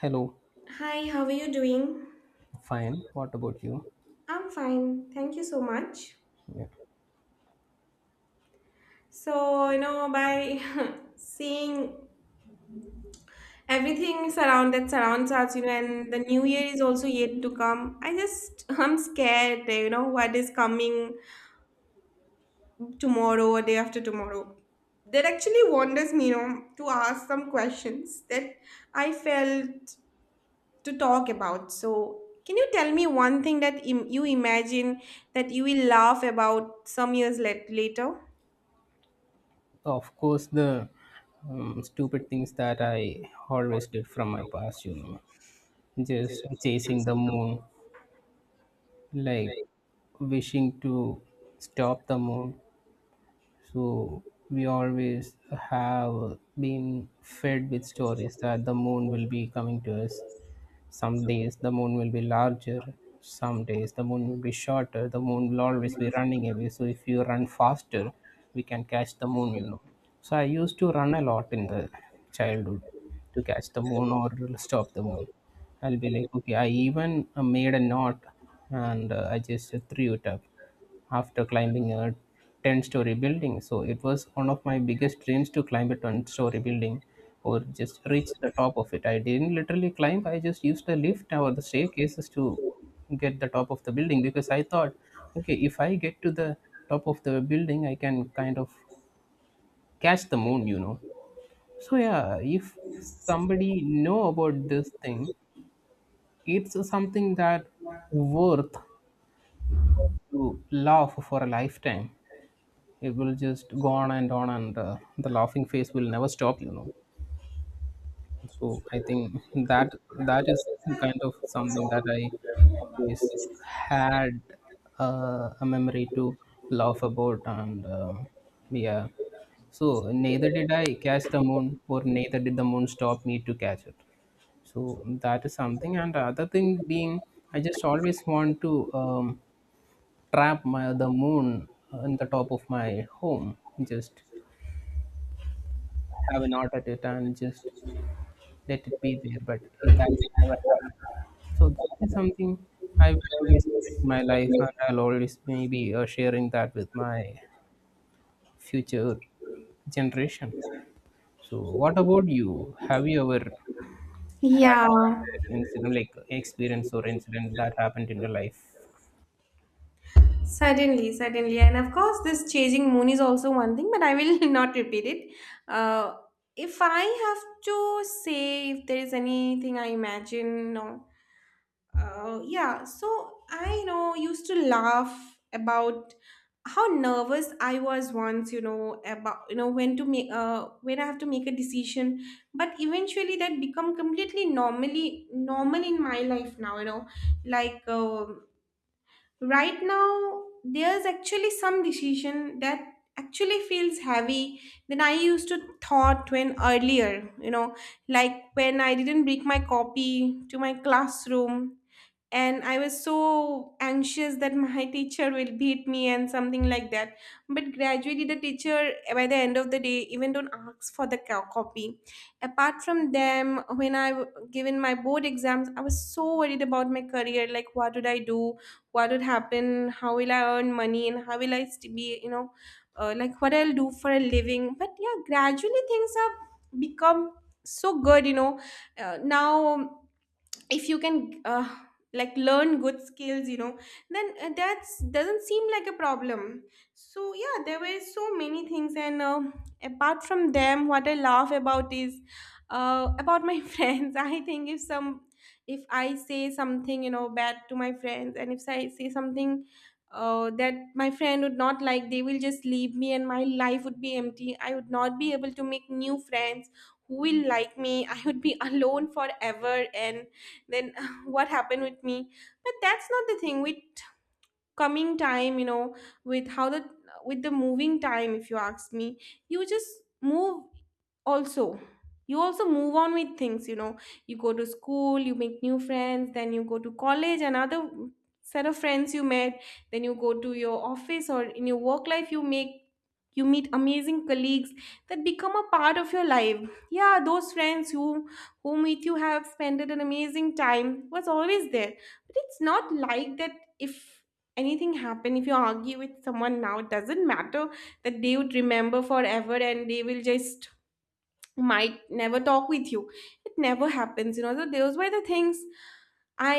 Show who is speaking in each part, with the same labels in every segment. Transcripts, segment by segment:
Speaker 1: Hello,
Speaker 2: Hi, how are you doing?
Speaker 1: fine. What about you?
Speaker 2: I'm fine. Thank you so much.
Speaker 1: Yeah.
Speaker 2: So, you know, by seeing everything surround that surrounds us, you know, and the new year is also yet to come. I just I'm scared, you know, what is coming tomorrow or day after tomorrow. That actually wanders me, you know, to ask some questions that I felt to talk about. So, can you tell me one thing that you imagine that you will laugh about some years later?
Speaker 1: Of course, the stupid things that I always did from my past, you know, just chasing the moon, like wishing to stop the moon. So, we always have been fed with stories that the moon will be coming to us. Some days the moon will be larger, some days the moon will be shorter. The moon will always be running away. So if you run faster, we can catch the moon, you know. So I used to run a lot in the childhood to catch the moon or stop the moon. I'll be like, okay, I even made a knot and I just threw it up after climbing a 10-story story building. So it was one of my biggest dreams to climb a 10-story story building or just reach the top of it. I didn't literally climb, I just used the lift or the staircases to get the top of the building because I thought, okay, if I get to the top of the building, I can kind of catch the moon, you know. So yeah, if somebody know about this thing, it's something that worth to laugh for a lifetime. It will just go on and on, and the laughing face will never stop, you know. So I think that that is kind of something that I always had, a memory to laugh about, and yeah, so neither did I catch the moon or neither did the moon stop me to catch it. So that is something, and the other thing being, I just always want to trap my the moon in the top of my home, just have a knot at it and just let it be there, but that never happened. So that is something I've always wished in my life, and I'll always maybe sharing that with my future generation. So, what about you? Have you ever had
Speaker 2: Yeah,
Speaker 1: an incident, like experience or incident that happened in your life?
Speaker 2: certainly, certainly. And of course, this chasing moon is also one thing, but I will not repeat it. Uh, if I have to say if there is anything I imagine, no. Yeah, so I used to laugh about how nervous I was once, you know, about when to make when I have to make a decision, but eventually that become completely normal in my life now, you know, like. Right now there's actually some decision that actually feels heavy than I used to thought when earlier, you know, like when I didn't bring my copy to my classroom and I was so anxious that my teacher will beat me and something like that. But gradually the teacher by the end of the day even don't ask for the copy. Apart from them, when I given my board exams, I was so worried about my career, like what would I do, what would happen, how will I earn money, and how will I be, you know, like what I'll do for a living. But yeah, gradually things have become so good, you know. Now, if you can, like learn good skills, you know, then that's doesn't seem like a problem. So yeah, there were so many things. And apart from them, what I laugh about is, about my friends. I think if some if I say something, you know, bad to my friends, and if I say something that my friend would not like, they will just leave me and my life would be empty, I would not be able to make new friends, who will like me, I would be alone forever. And then what happened with me. But that's not the thing with coming time, you know, with how the with the moving time, if you ask me. You just move, also you also move on with things, you know. You go to school, you make new friends, then you go to college, another set of friends you met, then you go to your office, or in your work life, you make you meet amazing colleagues that become a part of your life. Yeah, those friends whom with you have spent an amazing time was always there. But it's not like that, if anything happened, if you argue with someone now, it doesn't matter that they would remember forever and they will just might never talk with you. It never happens, you know. So those were the things I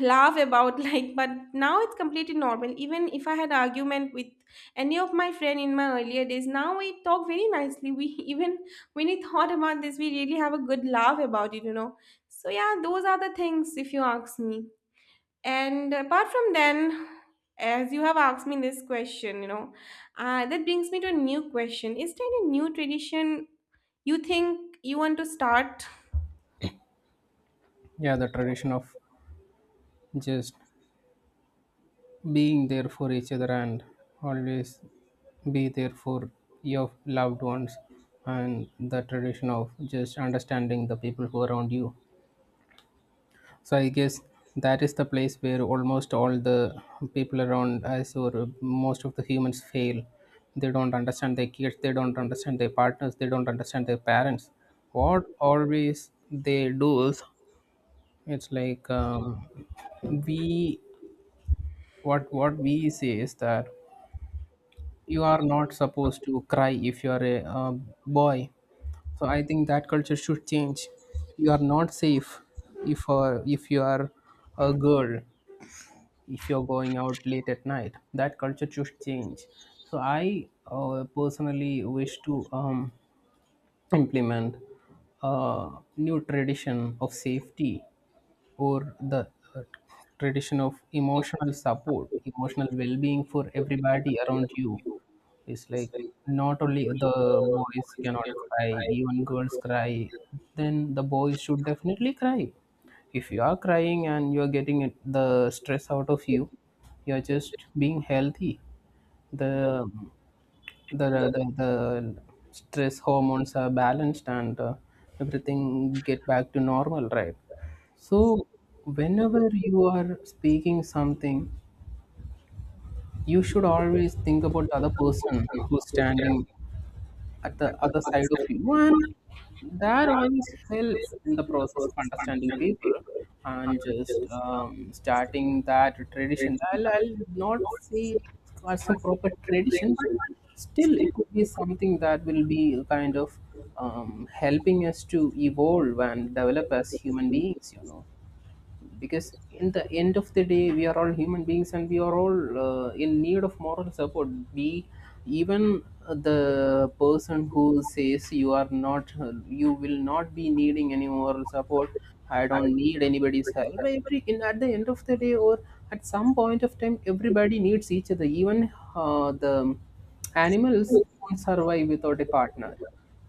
Speaker 2: laugh about. Like, but now it's completely normal. Even if I had argument with any of my friend in my earlier days, now we talk very nicely. We even when we thought about this, we really have a good laugh about it, you know. So yeah, those are the things, if you ask me. And apart from then, as you have asked me this question, you know, that brings me to a new question. Is there any new tradition you think you want to start?
Speaker 1: Yeah, the tradition of just being there for each other and always be there for your loved ones, and the tradition of just understanding the people who are around you. So I guess that is the place where almost all the people around us or most of the humans fail. They don't understand their kids, they don't understand their partners, they don't understand their parents. What always they do is, it's like, we, what we say is that you are not supposed to cry if you are a boy. So I think that culture should change. You are not safe if you are a girl, if you're going out late at night. That culture should change. So I personally wish to implement a new tradition of safety, or the uh, tradition of emotional support, emotional well-being for everybody around you. It's like, not only the boys cannot cry, even girls cry, then the boys should definitely cry. If you are crying and you are getting it, the stress out of you, you are just being healthy. The the the stress hormones are balanced, and everything get back to normal, right? So, whenever you are speaking something, you should always think about the other person who's standing at the other side of you, and that always helps in the process of understanding people. And just starting that tradition, I'll not say it as a proper tradition, but still it could be something that will be a kind of helping us to evolve and develop as human beings, you know, because in the end of the day we are all human beings, and we are all in need of moral support. We, even the person who says you are not, you will not be needing any moral support, I don't need anybody's help, at the end of the day, or at some point of time, everybody needs each other. Even the animals won't survive without a partner.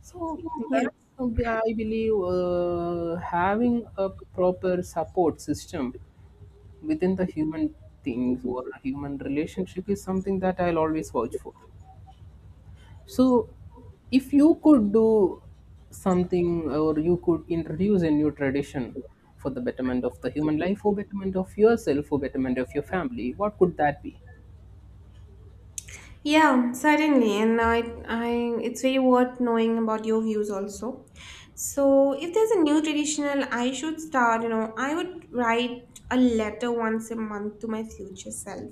Speaker 1: So
Speaker 2: Yes.
Speaker 1: that's, I believe, having a proper support system within the human things or human relationship is something that I'll always vouch for. So if you could do something or you could introduce a new tradition for the betterment of the human life or betterment of yourself or betterment of your family, what could that be?
Speaker 2: Yeah, certainly, and I, it's very worth knowing about your views also. So, if there's a new traditional, I should start. You know, I would write a letter once a month to my future self,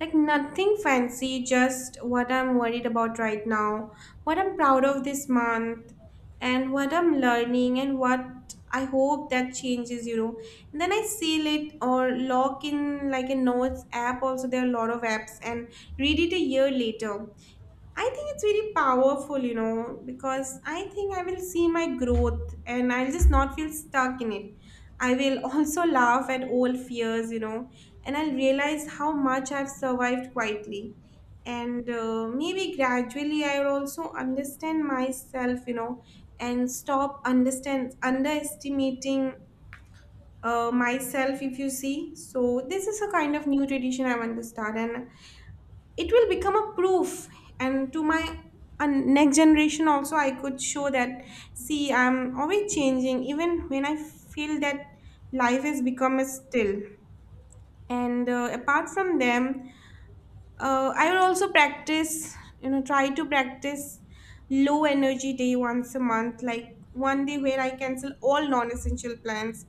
Speaker 2: like nothing fancy, just what I'm worried about right now, what I'm proud of this month, and what I'm learning, and what I hope that changes. You know, and then I seal it or log in like a notes app. Also, there are a lot of apps and read it a year later. I think it's very powerful, you know, because I think I will see my growth and I'll just not feel stuck in it. I will also laugh at old fears, you know, and I'll realize how much I've survived quietly. And maybe gradually I will also understand myself, you know, and stop understand underestimating myself, if you see. So this is a kind of new tradition I want to start, and it will become a proof and to my next generation also. I could show that, see, I'm always changing even when I feel that life has become a still. And apart from them, I will also practice, you know, try to practice low energy day once a month, like one day where I cancel all non-essential plans,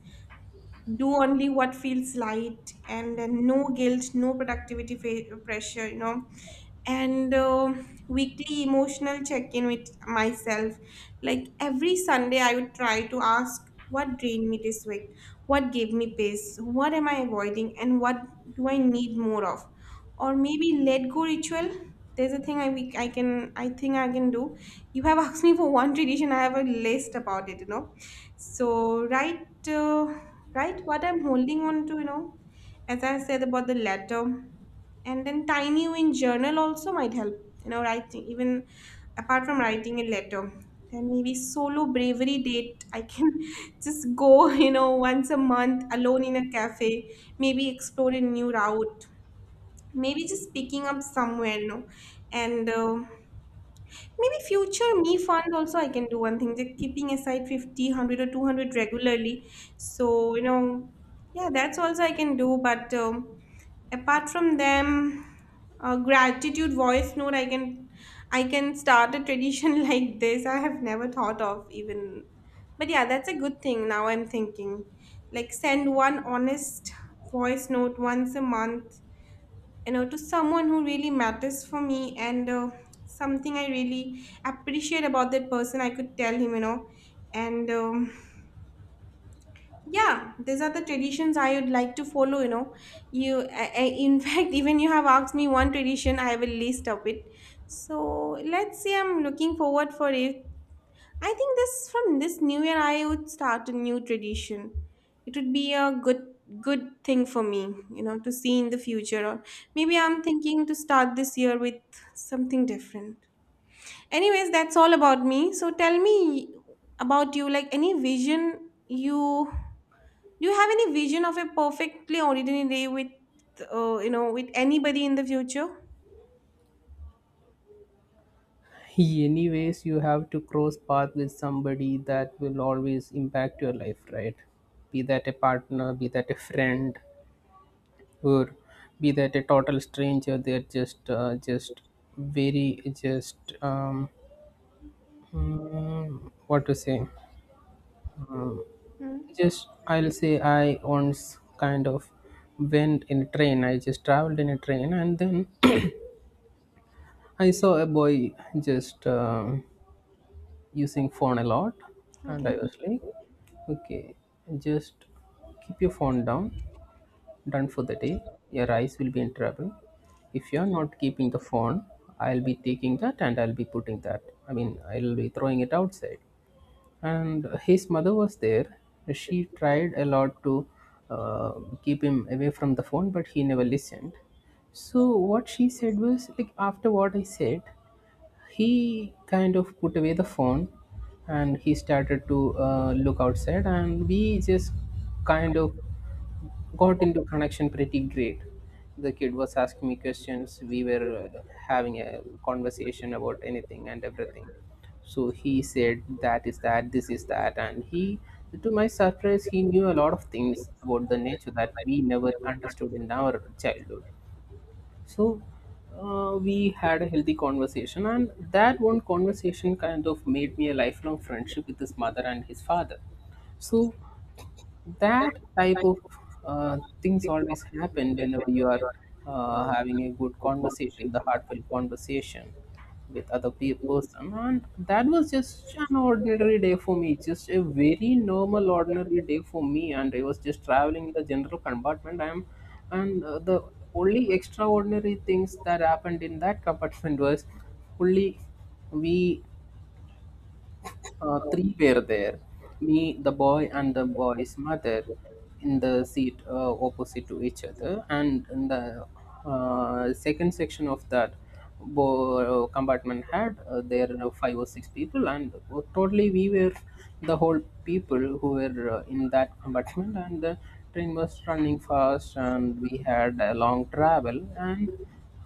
Speaker 2: do only what feels light, and then no guilt, no productivity pressure, you know. And weekly emotional check-in with myself, like every Sunday I would try to ask what drained me this week, what gave me peace, what am I avoiding, and what do I need more of. Or maybe let go ritual, there's a thing I think I can do. You have asked me for one tradition, I have a list about it, you know. So uh, right what I'm holding on to, you know, as I said about the letter. And then tiny win journal also might help, you know, writing, even apart from writing a letter. Then maybe solo bravery date, I can just go, you know, once a month alone in a cafe, maybe explore a new route, maybe just picking up somewhere, you know. And maybe future me fund also I can do one thing, like keeping aside 50, 100 or 200 regularly. So, you know, yeah, that's also I can do. But apart from them, gratitude voice note, I can start a tradition like this. I have never thought of even. But yeah, that's a good thing. Now I'm thinking, like send one honest voice note once a month, you know, to someone who really matters for me. And something I really appreciate about that person I could tell him, you know. And yeah, these are the traditions I would like to follow, you know. You in fact, even you have asked me one tradition, I have a list of it. So let's see, I'm looking forward for it. I think this from this new year I would start a new tradition. It would be a good thing for me, you know, to see in the future. Or maybe I'm thinking to start this year with something different. Anyways, that's all about me. So tell me about you, like any vision you do you have any vision of a perfectly ordinary day with, you know, with anybody in the future?
Speaker 1: Anyways, you have to cross path with somebody that will always impact your life, right? Be that a partner, be that a friend, or be that a total stranger. They're just very, just what to say,
Speaker 2: Hmm.
Speaker 1: just I'll say, I once kind of went in a train, I just traveled in a train, and then I saw a boy just using phone a lot. And I
Speaker 2: Okay.
Speaker 1: was like, okay, just keep your phone down, done for the day, your eyes will be in trouble. If you're not keeping the phone, I'll be taking that and I'll be putting that, I mean, I'll be throwing it outside. And his mother was there, she tried a lot to uh, keep him away from the phone, but he never listened. So what she said was like, after what I said, he kind of put away the phone, and he started to look outside, and we just kind of got into connection pretty great. The kid was asking me questions, we were having a conversation about anything and everything. So he said that is that, this is that, and he, to my surprise, he knew a lot of things about the nature that we never understood in our childhood. So we had a healthy conversation, and that one conversation kind of made me a lifelong friendship with his mother and his father. So that type of things always happen whenever you are having a good conversation, the heartfelt conversation with other person. And that was just an ordinary day for me, just a very normal, ordinary day for me. And I was just traveling in the general compartment. And the only extraordinary things that happened in that compartment was only we three were there, me, the boy, and the boy's mother in the seat opposite to each other. And in the second section of that compartment had, there were five or six people, and totally we were the whole people who were in that compartment. And the train was running fast, and we had a long travel, and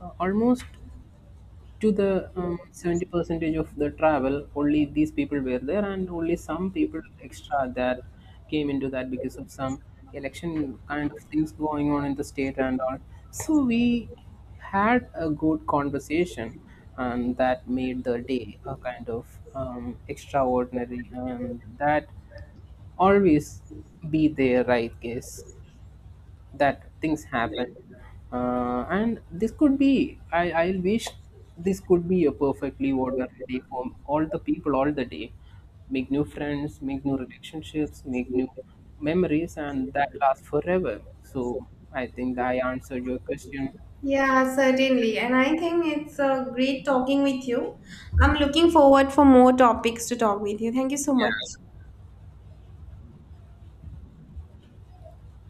Speaker 1: almost to the 70 percentage of the travel only these people were there, and only some people extra that came into that because of some election kind of things going on in the state and all. So we had a good conversation, and that made the day a kind of extraordinary. And that always be there, I guess, that things happen. And this could be, I wish this could be a perfectly ordinary day for all the people all the day. Make new friends, make new relationships, make new memories, and that lasts forever. So I think that I answered your question.
Speaker 2: Yeah, certainly. And I think it's great talking with you. I'm looking forward for more topics to talk with you. Thank you so much.